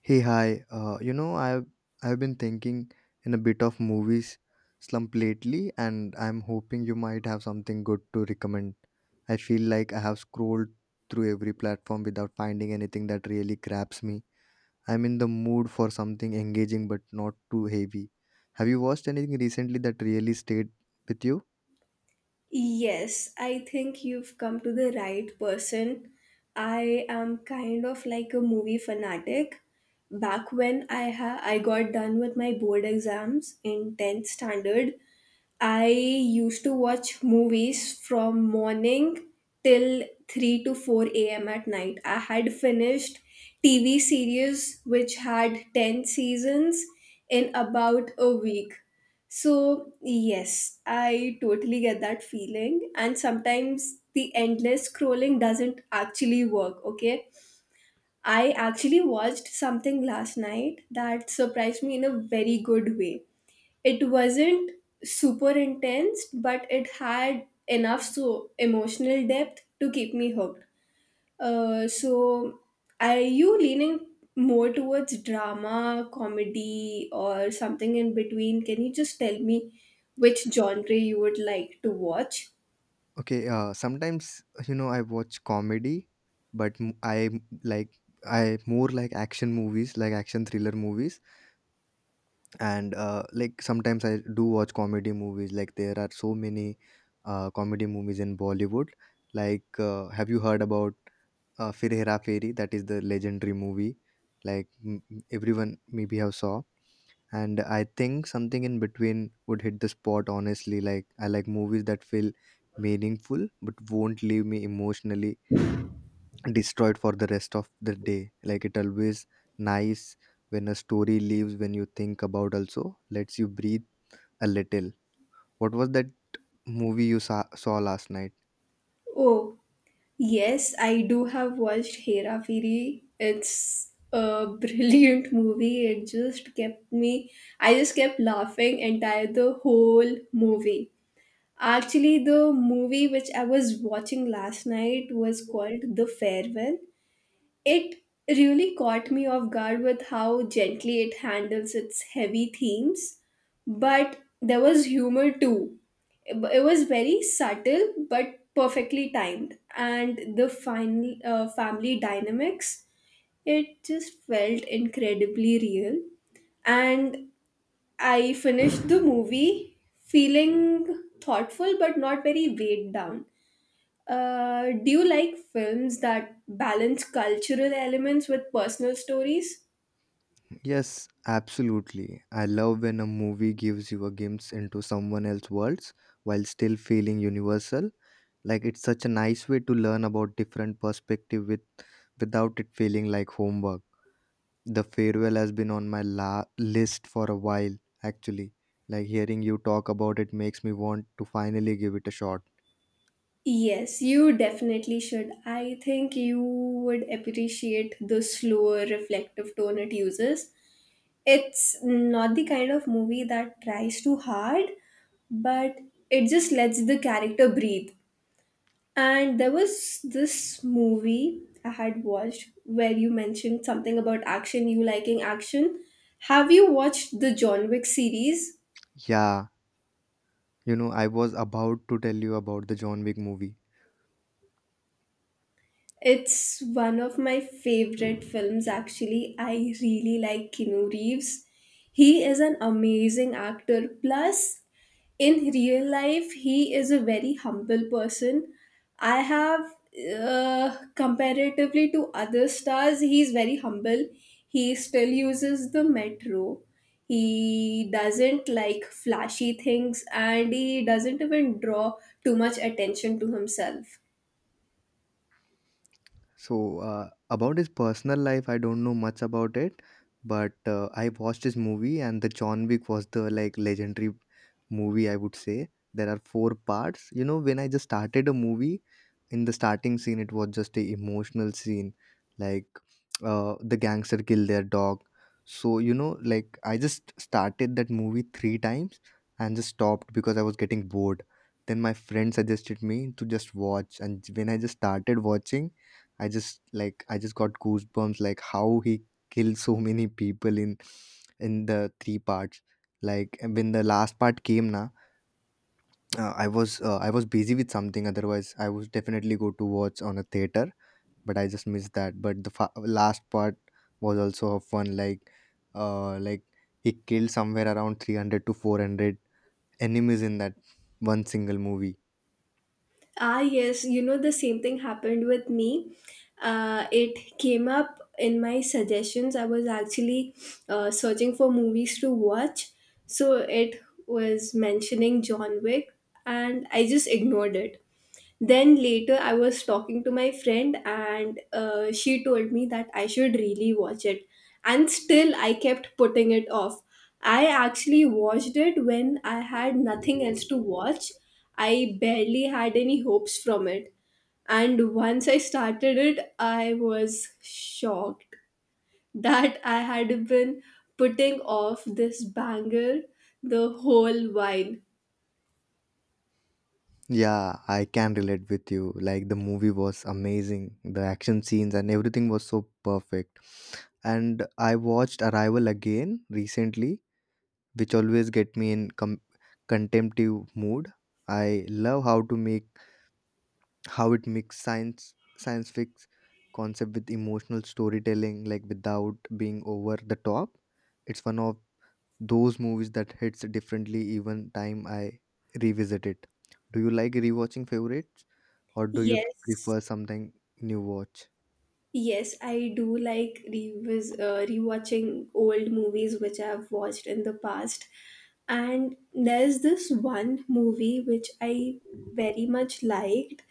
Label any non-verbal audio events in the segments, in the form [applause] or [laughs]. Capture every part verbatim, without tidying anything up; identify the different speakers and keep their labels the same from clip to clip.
Speaker 1: Hey, hi. Uh, you know, I've I've been thinking in a bit of movies slump lately, and I'm hoping you might have something good to recommend. I feel like I have scrolled through every platform without finding anything that really grabs me. I'm in the mood for something engaging but not too heavy. Have you watched anything recently that really stayed with you?
Speaker 2: Yes, I think you've come to the right person. I am kind of like a movie fanatic. Back when I ha I got done with my board exams in tenth standard, I used to watch movies from morning till three to four a m at night. I had finished T V series which had ten seasons in about a week. So, yes, I totally get that feeling. And sometimes the endless scrolling doesn't actually work, okay? I actually watched something last night that surprised me in a very good way. It wasn't super intense but it had enough so emotional depth to keep me hooked. Uh, so are you leaning more towards drama, comedy, or something in between? Can you just tell me which genre you would like to watch?
Speaker 1: Okay, uh, sometimes you know I watch comedy, but m- I m- like I more like action movies, like action thriller movies and uh, like sometimes I do watch comedy movies. Like there are so many uh, comedy movies in Bollywood. Like uh, have you heard about uh, Fir Hera Fairy? That is the legendary movie. Like m- m- everyone maybe have saw. And I think something in between would hit the spot honestly. Like I like movies that feel meaningful but won't leave me emotionally destroyed for the rest of the day. Like it always nice when a story leaves when you think about also lets you breathe a little. What was that movie you saw, saw last night?
Speaker 2: Oh, yes, I do have watched Hera Fairy. It's a [laughs] brilliant movie. It just kept me, I just kept laughing entire the whole movie. Actually, the movie which I was watching last night was called The Farewell. It really caught me off guard with how gently it handles its heavy themes, but there was humor too. It was very subtle but perfectly timed, and the final uh, family dynamics, it just felt incredibly real. And I finished the movie feeling thoughtful but not very weighed down. Uh, do you like films that balance cultural elements with personal stories?
Speaker 1: Yes, absolutely. I love when a movie gives you a glimpse into someone else's worlds while still feeling universal. Like it's such a nice way to learn about different perspective with without it feeling like homework. The Farewell has been on my la- list for a while actually. Like hearing you talk about it makes me want to finally give it a shot.
Speaker 2: Yes, you definitely should. I think you would appreciate the slower, reflective tone it uses. It's not the kind of movie that tries too hard, but it just lets the character breathe. And there was this movie I had watched where you mentioned something about action, you liking action. Have you watched the John Wick series?
Speaker 1: Yeah, you know, I was about to tell you about the John Wick movie.
Speaker 2: It's one of my favorite films, actually. I really like Keanu Reeves. He is an amazing actor. Plus, in real life, he is a very humble person. I have, uh, Comparatively to other stars, he's very humble. He still uses the metro. He doesn't like flashy things and he doesn't even draw too much attention to himself.
Speaker 1: So, uh, about his personal life, I don't know much about it, but uh, I watched his movie, and the John Wick was the like legendary movie, I would say. There are four parts. You know, when I just started a movie, in the starting scene, it was just a emotional scene, like uh, the gangster killed their dog. So, you know, like I just started that movie three times and just stopped because I was getting bored. Then my friend suggested me to just watch, and when I just started watching, I just like I just got goosebumps like how he killed so many people in in the three parts. Like when the last part came na, uh, I was uh, I was busy with something. Otherwise, I would definitely go to watch on a theater. But I just missed that. But the fa- last part was also of fun. Like uh, like he killed somewhere around three hundred to four hundred enemies in that one single movie.
Speaker 2: Ah, yes, you know, the same thing happened with me. Uh, it came up in my suggestions. I was actually uh, searching for movies to watch, so it was mentioning John Wick, and I just ignored it. Then later, I was talking to my friend, and uh, she told me that I should really watch it. And still, I kept putting it off. I actually watched it when I had nothing else to watch. I barely had any hopes from it. And once I started it, I was shocked that I had been putting off this banger the whole while.
Speaker 1: Yeah, I can relate with you. Like the movie was amazing. The action scenes and everything was so perfect. And I watched Arrival again recently, which always get me in com- contemptive mood. I love how to make how it mix science science fiction concept with emotional storytelling like without being over the top. It's one of those movies that hits differently even time I revisit it. Do you like rewatching favorites or do you
Speaker 2: Yes,
Speaker 1: prefer something new watch?
Speaker 2: yes, I do like revis uh, rewatching old movies which I've watched in the past. And there's this one movie which I very much liked.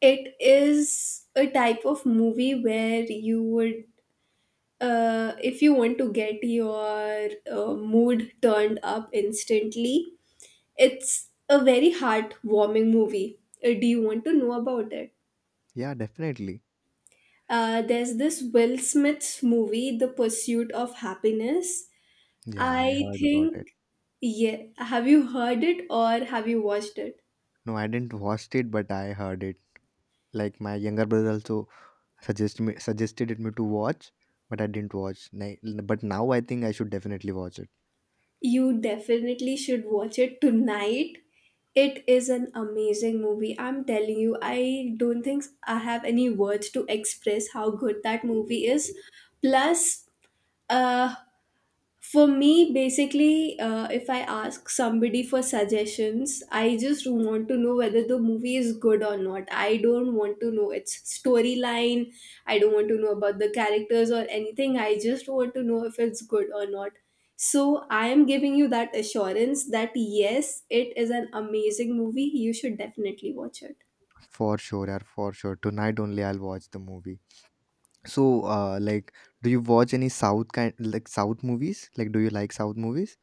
Speaker 2: It is a type of movie where you would, uh, if you want to get your uh, mood turned up instantly, it's a very heartwarming movie. Uh, do you want to know about it?
Speaker 1: Yeah, definitely.
Speaker 2: Uh, there's this Will Smith's movie, The Pursuit of Happiness.
Speaker 1: Yeah, I
Speaker 2: I
Speaker 1: heard about it.
Speaker 2: think, yeah, have you heard it or have you watched it?
Speaker 1: No, I didn't watch it, but I heard it. Like my younger brother also suggest me suggested it me to watch, but I didn't watch. Ni- But now I think I should definitely watch it
Speaker 2: You definitely should watch it tonight. It is an amazing movie. I'm telling you, I don't think I have any words to express how good that movie is. Plus, uh, for me, basically, uh, if I ask somebody for suggestions, I just want to know whether the movie is good or not. I don't want to know its storyline. I don't want to know about the characters or anything. I just want to know if it's good or not. So I am giving you that assurance that yes, it is an amazing movie. You should definitely watch it.
Speaker 1: for sure. Yeah, for sure. Tonight only I'll watch the movie. So, uh, like, do you watch any South kind like South movies? Like, do you like South movies?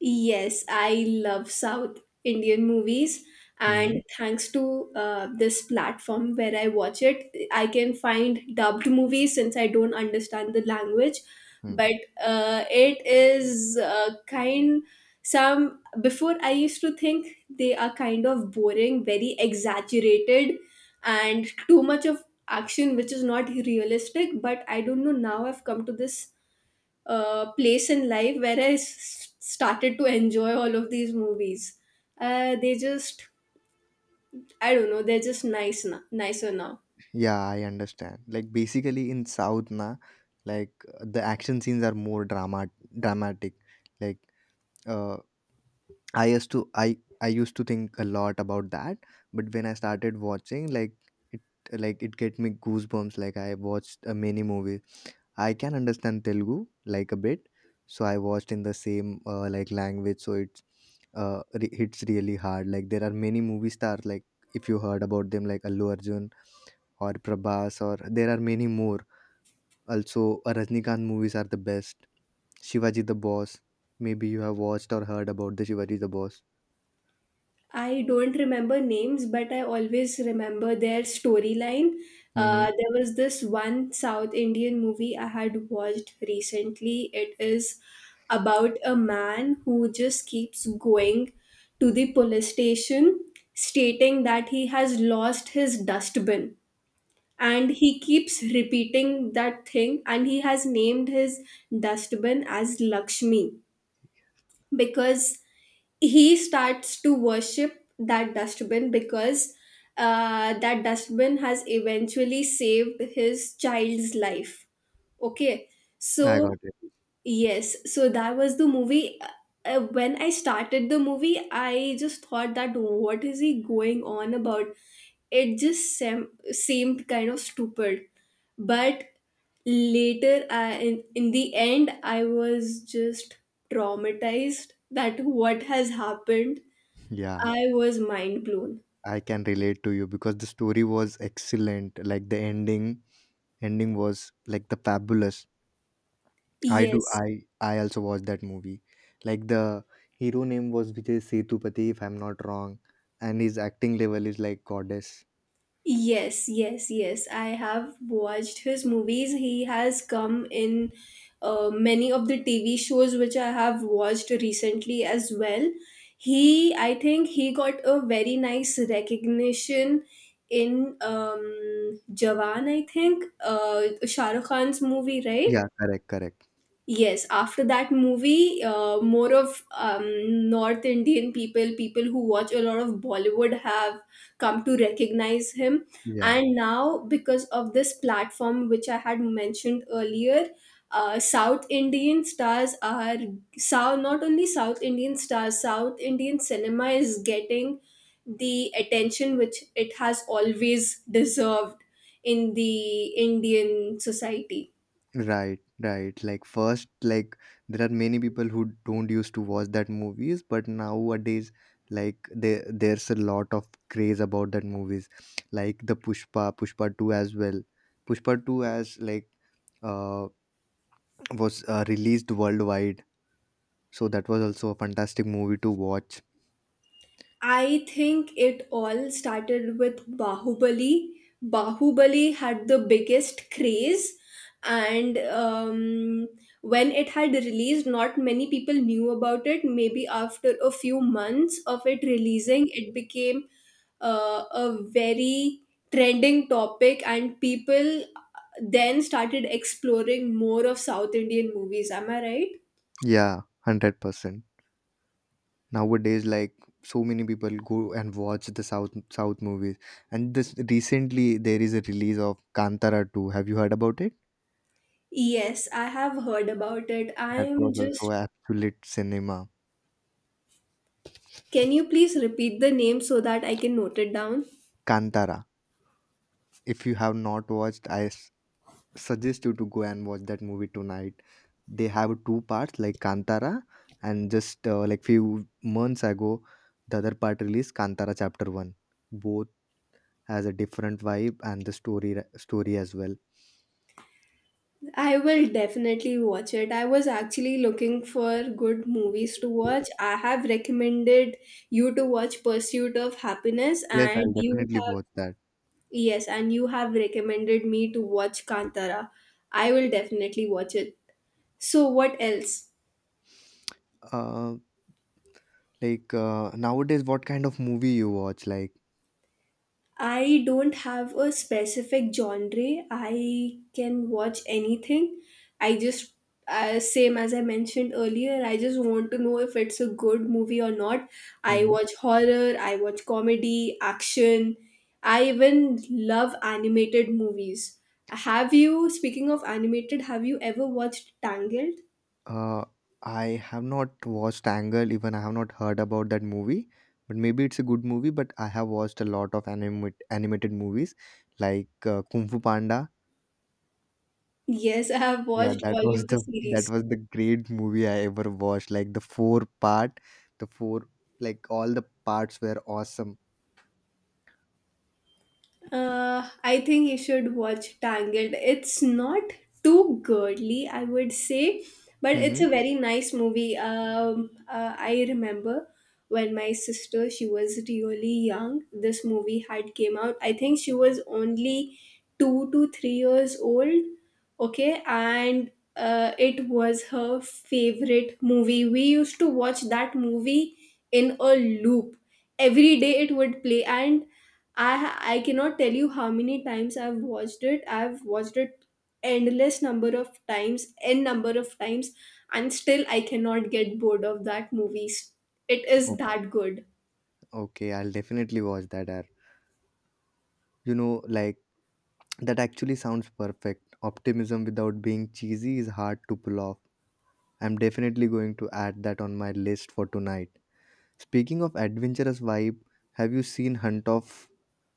Speaker 2: Yes, I love South Indian movies, and
Speaker 1: Mhm,
Speaker 2: thanks to uh, this platform where I watch it, I can find dubbed movies since I don't understand the language.
Speaker 1: mhm.
Speaker 2: But uh, it is uh, kind some before I used to think they are kind of boring, very exaggerated, and too much of action which is not realistic. But I don't know, now I've come to this uh, place in life where I s- started to enjoy all of these movies. Uh, they just, I don't know, they're just nice now, nicer now.
Speaker 1: Yeah, I understand. Like basically in South na, like uh, the action scenes are more drama dramatic. Like uh, I used to I I used to think a lot about that, but when I started watching, like it like it get me goosebumps. Like I watched uh, many movies. I can understand Telugu like a bit, so I watched in the same uh, like language. So it's uh, re- hits really hard. Like there are many movie stars like if you heard about them like Allu Arjun or Prabhas or there are many more. Also, uh, Rajnikant movies are the best. Shivaji the Boss. Maybe you have watched or heard about the Shivaji the Boss.
Speaker 2: I don't remember names, but I always remember their storyline. Uh,
Speaker 1: Hmm.
Speaker 2: there was this one South Indian movie I had watched recently. It is about a man who just keeps going to the police station stating that he has lost his dustbin, and he keeps repeating that thing, and he has named his dustbin as Lakshmi because he starts to worship that dustbin because uh, that dustbin has eventually saved his child's life. Okay,
Speaker 1: I
Speaker 2: so
Speaker 1: got it.
Speaker 2: yes, so that was the movie. Uh, uh, when I started the movie, I just thought that, oh, what is he going on about? It just sem- seemed kind of stupid. But later, I, in, in the end, I was just traumatized that what has happened.
Speaker 1: Yeah,
Speaker 2: I was mind blown.
Speaker 1: I can relate to you because the story was excellent. Like the ending, ending was like the fabulous. I do.
Speaker 2: Yes,
Speaker 1: I I also watched that movie. Like the hero name was Vijay Sethupathi, if I'm not wrong, and his acting level is like goddess.
Speaker 2: yes, yes, yes. I have watched his movies. He has come in uh, many of the T V shows which I have watched recently as well. He, I think, he got a very nice recognition in um, Jawan. I think uh, Shah Rukh Khan's movie, right?
Speaker 1: Yeah, correct, correct.
Speaker 2: Yes, after that movie, uh, more of um, North Indian people, people who watch a lot of Bollywood, have come to recognize him.
Speaker 1: Yeah,
Speaker 2: And now, because of this platform which I had mentioned earlier, uh, South Indian stars are South, not only South Indian stars, South Indian cinema is getting the attention which it has always deserved in the Indian society.
Speaker 1: right, right. Like first, like there are many people who don't used to watch that movies, but nowadays, like there there's a lot of craze about that movies, like the Pushpa, Pushpa two as well. Pushpa two as like uh was uh, released worldwide. So that was also a fantastic movie to watch.
Speaker 2: I think it all started with Bahubali. Bahubali had the biggest craze, and um, when it had released, not many people knew about it. Maybe after a few months of it releasing, it became uh, a very trending topic, and people then started exploring more of South Indian movies. Am I right?
Speaker 1: Yeah, one hundred percent. Nowadays like so many people go and watch the south south movies. And this recently there is a release of Kantara two. Have you heard about it?
Speaker 2: Yes, I have heard about it.
Speaker 1: That
Speaker 2: I'm
Speaker 1: was also
Speaker 2: just,
Speaker 1: absolute cinema.
Speaker 2: can you please repeat the name so that I can note it down?
Speaker 1: Kantara. If you have not watched, I s- suggest you to go and watch that movie tonight. They have two parts like Kantara and just uh, like few months ago the other part released Kantara chapter one. Both has a different vibe and the story story as well.
Speaker 2: I will definitely watch it. I was actually looking for good movies to watch. I have recommended you to watch Pursuit of Happiness
Speaker 1: Yes,
Speaker 2: and
Speaker 1: I'll
Speaker 2: you
Speaker 1: definitely
Speaker 2: have,
Speaker 1: watch that.
Speaker 2: yes, and you have recommended me to watch Kantara. I will definitely watch it. So what else?
Speaker 1: Uh, like uh, nowadays, what kind of movie you watch? Like,
Speaker 2: I don't have a specific genre. I can watch anything. I just, uh, same as I mentioned earlier, I just want to know if it's a good movie or not. I
Speaker 1: mhm.
Speaker 2: watch horror, I watch comedy, action. I even love animated movies. Have you, speaking of animated, have you ever watched Tangled?
Speaker 1: uh, I have not watched Angle. Even I have not heard about that movie. But maybe it's a good movie. But I have watched a lot of animate, animated movies, like uh, Kung Fu Panda.
Speaker 2: Yes, I have
Speaker 1: Yeah,
Speaker 2: watched
Speaker 1: that [laughs]
Speaker 2: all
Speaker 1: was
Speaker 2: of the
Speaker 1: the that
Speaker 2: series.
Speaker 1: was the great movie I ever watched. Like the four part, the four like all the parts were awesome.
Speaker 2: Uh, I think you should watch Tangled. It's not too girly, I would say, but it's
Speaker 1: Mm-hmm.
Speaker 2: a very nice movie. Um, uh, I remember when my sister, she was really young, this movie had came out. I think she was only two to three years old. Okay, and uh, it was her favorite movie. We used to watch that movie in a loop. Every day it would play, and I ha- I cannot tell you how many times I've watched it. I've watched it endless number of times, n number of times, and still I cannot get bored of that movie. It is that good.
Speaker 1: Okay, I'll definitely watch that ad. You know, like that actually sounds perfect. Optimism without being cheesy is hard to pull off. I'm definitely going to add that on my list for tonight. Speaking of adventurous vibe, have you seen Hunt of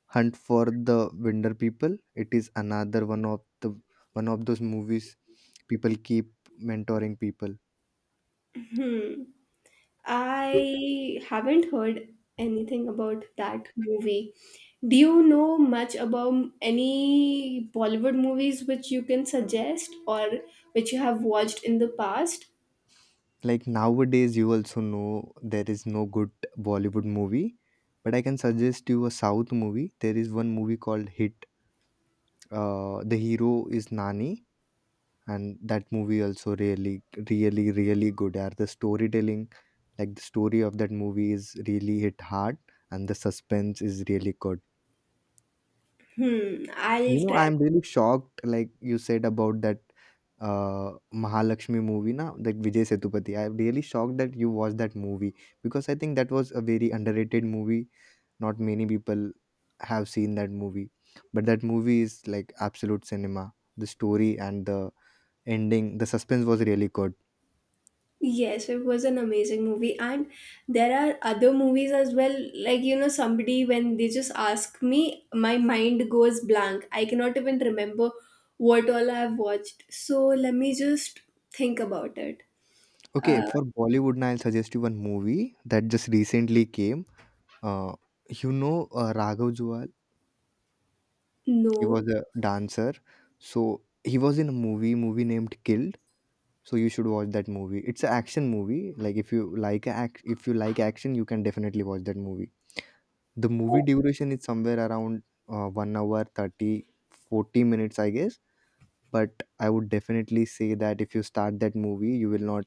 Speaker 1: Hunt for the Winter People? It is another one of the one of those movies people keep mentoring people.
Speaker 2: Hmm. I haven't heard anything about that movie. Do you know much about any Bollywood movies which you can suggest or which you have watched in the past?
Speaker 1: Like nowadays, you also know there is no good Bollywood movie, but I can suggest you a South movie. There is one movie called Hit. Uh, the hero is Nani, and that movie also really, really, really good. Are the storytelling, like the story of that movie, is really hit hard, and the suspense is really good.
Speaker 2: Hmm,
Speaker 1: You
Speaker 2: I'll
Speaker 1: know,
Speaker 2: try.
Speaker 1: I'm really shocked, like you said about that uh Mahalakshmi movie, na, like Vijay Sethupathi. I'm really shocked that you watched that movie because I think that was a very underrated movie. Not many people have seen that movie, but that movie is like absolute cinema. The story and the ending, the suspense was really good.
Speaker 2: Yes, it was an amazing movie, and there are other movies as well. Like, you know, somebody when they just ask me, my mind goes blank. I cannot even remember what all I've watched. So, let me just think about it.
Speaker 1: Okay,
Speaker 2: Uh,
Speaker 1: for Bollywood, na, I'll suggest you one movie that just recently came. Uh, you know, uh, Raghav Jual. He was
Speaker 2: no,
Speaker 1: a dancer. So he was in a movie, movie named Killed. So you should watch that movie. It's an action movie. Like if you like act, if you like action, you can definitely watch that movie. The movie duration is somewhere around uh, one hour thirty forty minutes I guess. But I would definitely say that if you start that movie, you will not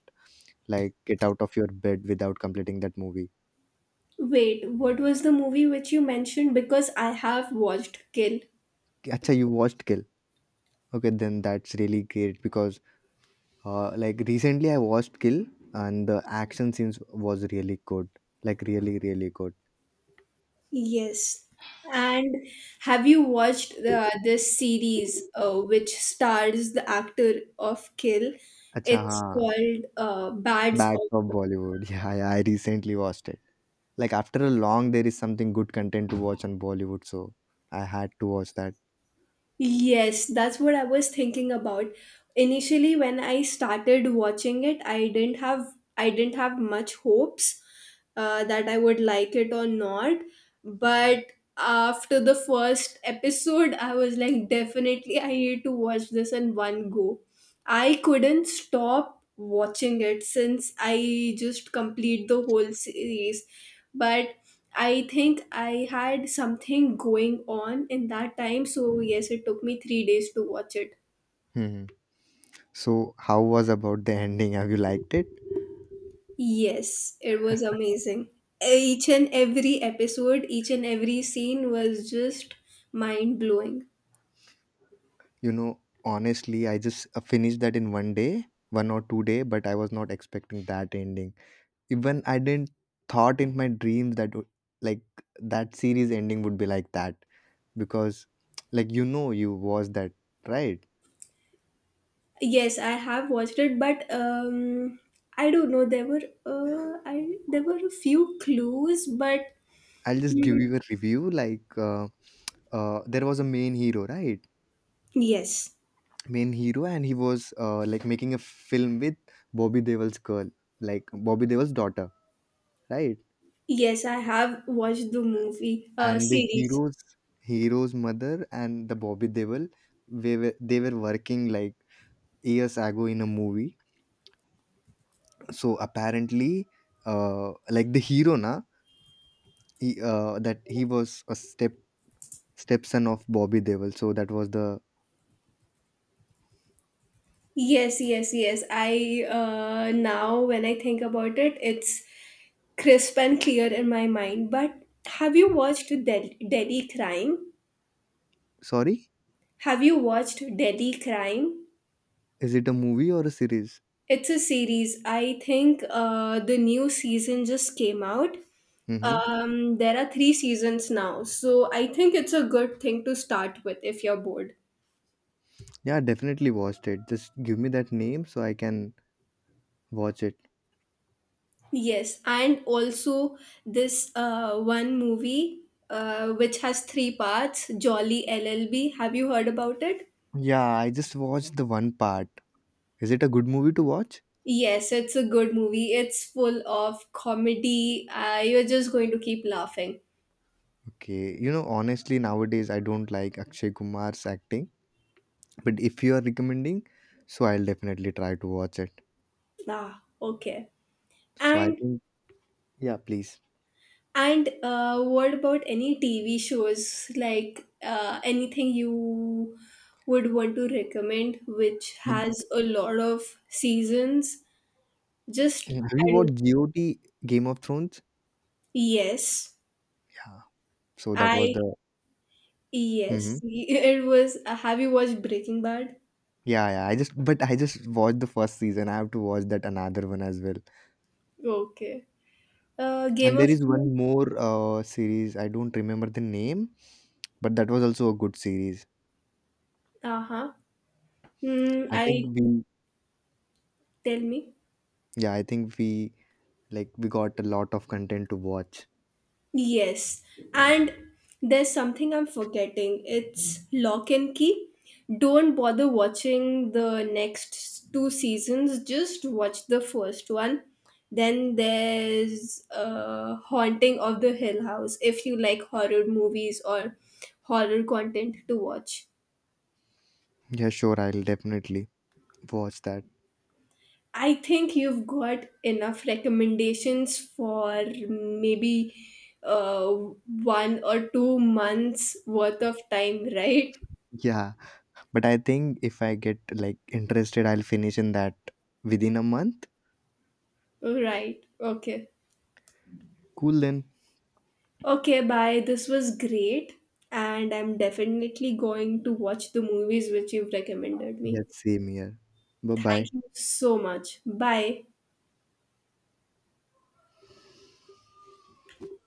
Speaker 1: like get out of your bed without completing that movie.
Speaker 2: wait, what was the movie which you mentioned? Because I have watched Kill.
Speaker 1: Acha, you watched Kill. Okay, then that's really great because Uh, like recently, I watched Kill, and the action scenes was really good. Like really, really good.
Speaker 2: Yes. And have you watched uh, this series uh, which stars the actor of Kill?
Speaker 1: Acha,
Speaker 2: It's
Speaker 1: हाँ,
Speaker 2: called uh, Bads
Speaker 1: Bad for
Speaker 2: of.
Speaker 1: Bollywood. [laughs] Yeah, yeah, I recently watched it. Like after a long, there is something good content to watch on Bollywood, so I had to watch that.
Speaker 2: Yes, that's what I was thinking about. Initially, when I started watching it, I didn't have I didn't have much hopes uh, that I would like it or not. But after the first episode, I was like, definitely, I need to watch this in one go. I couldn't stop watching it since I just complete the whole series. But I think I had something going on in that time, so yes, it took me three days to watch it.
Speaker 1: Hmm. So, how was about the [laughs] ending? Have you liked it?
Speaker 2: Yes, it was
Speaker 1: [laughs]
Speaker 2: amazing. Each and every episode, each and every scene was just mind blowing.
Speaker 1: You know, honestly, I just uh, finished that in one day, one or two day, but I was not expecting that ending. Even I didn't thought in my dreams that would- like that series ending would be like that, because like you know you watched that right.
Speaker 2: Yes, I have watched it, but um, I don't know. There were uh, I there were a few clues, but.
Speaker 1: I'll just give you a review like uh, uh, there was a main hero right.
Speaker 2: Yes,
Speaker 1: main hero And he was uh, like making a film with Bobby Deol's girl, like Bobby Deol's daughter, right.
Speaker 2: yes, I have watched the movie uh,
Speaker 1: And the
Speaker 2: series.
Speaker 1: hero's hero's mother and the Bobby Deol, they were they were working like years ago in a movie. So apparently uh, like the hero na, he, uh, that he was a step stepson of Bobby Devil. So that was the.
Speaker 2: Yes, yes, yes. I uh, Now when I think about it, it's crisp and clear in my mind. But have you watched Del- Delhi Crime?
Speaker 1: Sorry.
Speaker 2: Have you watched Delhi Crime?
Speaker 1: Is it a movie or a series?
Speaker 2: It's a series. I think uh, the new season just came out.
Speaker 1: Mm-hmm.
Speaker 2: Um, there are three seasons now, so I think it's a good thing to start with if you're bored.
Speaker 1: Yeah, definitely watched it. Just give me that name so I can watch it.
Speaker 2: Yes, and also this uh, one movie uh, which has three parts, Jolly L L B. Have you heard about it?
Speaker 1: Yeah, I just watched the one part. Is it a good movie to watch?
Speaker 2: Yes, it's a good movie. It's full of comedy. Uh, you're just going to keep laughing.
Speaker 1: Okay, you know, honestly, nowadays I don't like Akshay Kumar's acting, but if you are recommending, so I'll definitely try to watch it.
Speaker 2: Ah, okay.
Speaker 1: So I
Speaker 2: And
Speaker 1: think, yeah, please.
Speaker 2: and uh, what about any T V shows? Like uh, anything you would want to recommend, which has a lot of seasons? Just
Speaker 1: Mm, have you
Speaker 2: I don't.
Speaker 1: watched G O T? Game of Thrones?
Speaker 2: Yes.
Speaker 1: Yeah. So that was
Speaker 2: I
Speaker 1: the. Hmm.
Speaker 2: Yes, [laughs] it was. Uh, have you watched Breaking Bad?
Speaker 1: Yeah, yeah. I just, but I just watched the first season. I have to watch that another one as well.
Speaker 2: Okay. Uh, Game
Speaker 1: And there
Speaker 2: of
Speaker 1: is
Speaker 2: Thrones.
Speaker 1: one more uh, series. I don't remember the name, but that was also a good series.
Speaker 2: Uh huh. Mm,
Speaker 1: I think
Speaker 2: I
Speaker 1: we,
Speaker 2: Tell me.
Speaker 1: yeah, I think we like we got a lot of content to watch.
Speaker 2: Yes, and there's something I'm forgetting. It's Lock and Key. Don't bother watching the next two seasons. Just watch the first one. Then there's uh, Haunting of the Hill House if you like horror movies or horror content to watch.
Speaker 1: Yeah, sure. I'll definitely watch that.
Speaker 2: I think you've got enough recommendations for maybe uh, one or two months worth of time, [laughs] right?
Speaker 1: Yeah, but I think if I get like interested, I'll finish in that within a month.
Speaker 2: Right. Okay.
Speaker 1: Cool then.
Speaker 2: Okay, bye. This was great. And I'm definitely going to watch the movies which you've recommended me.
Speaker 1: Yes, same here. Bye bye.
Speaker 2: Thank you so much. Bye.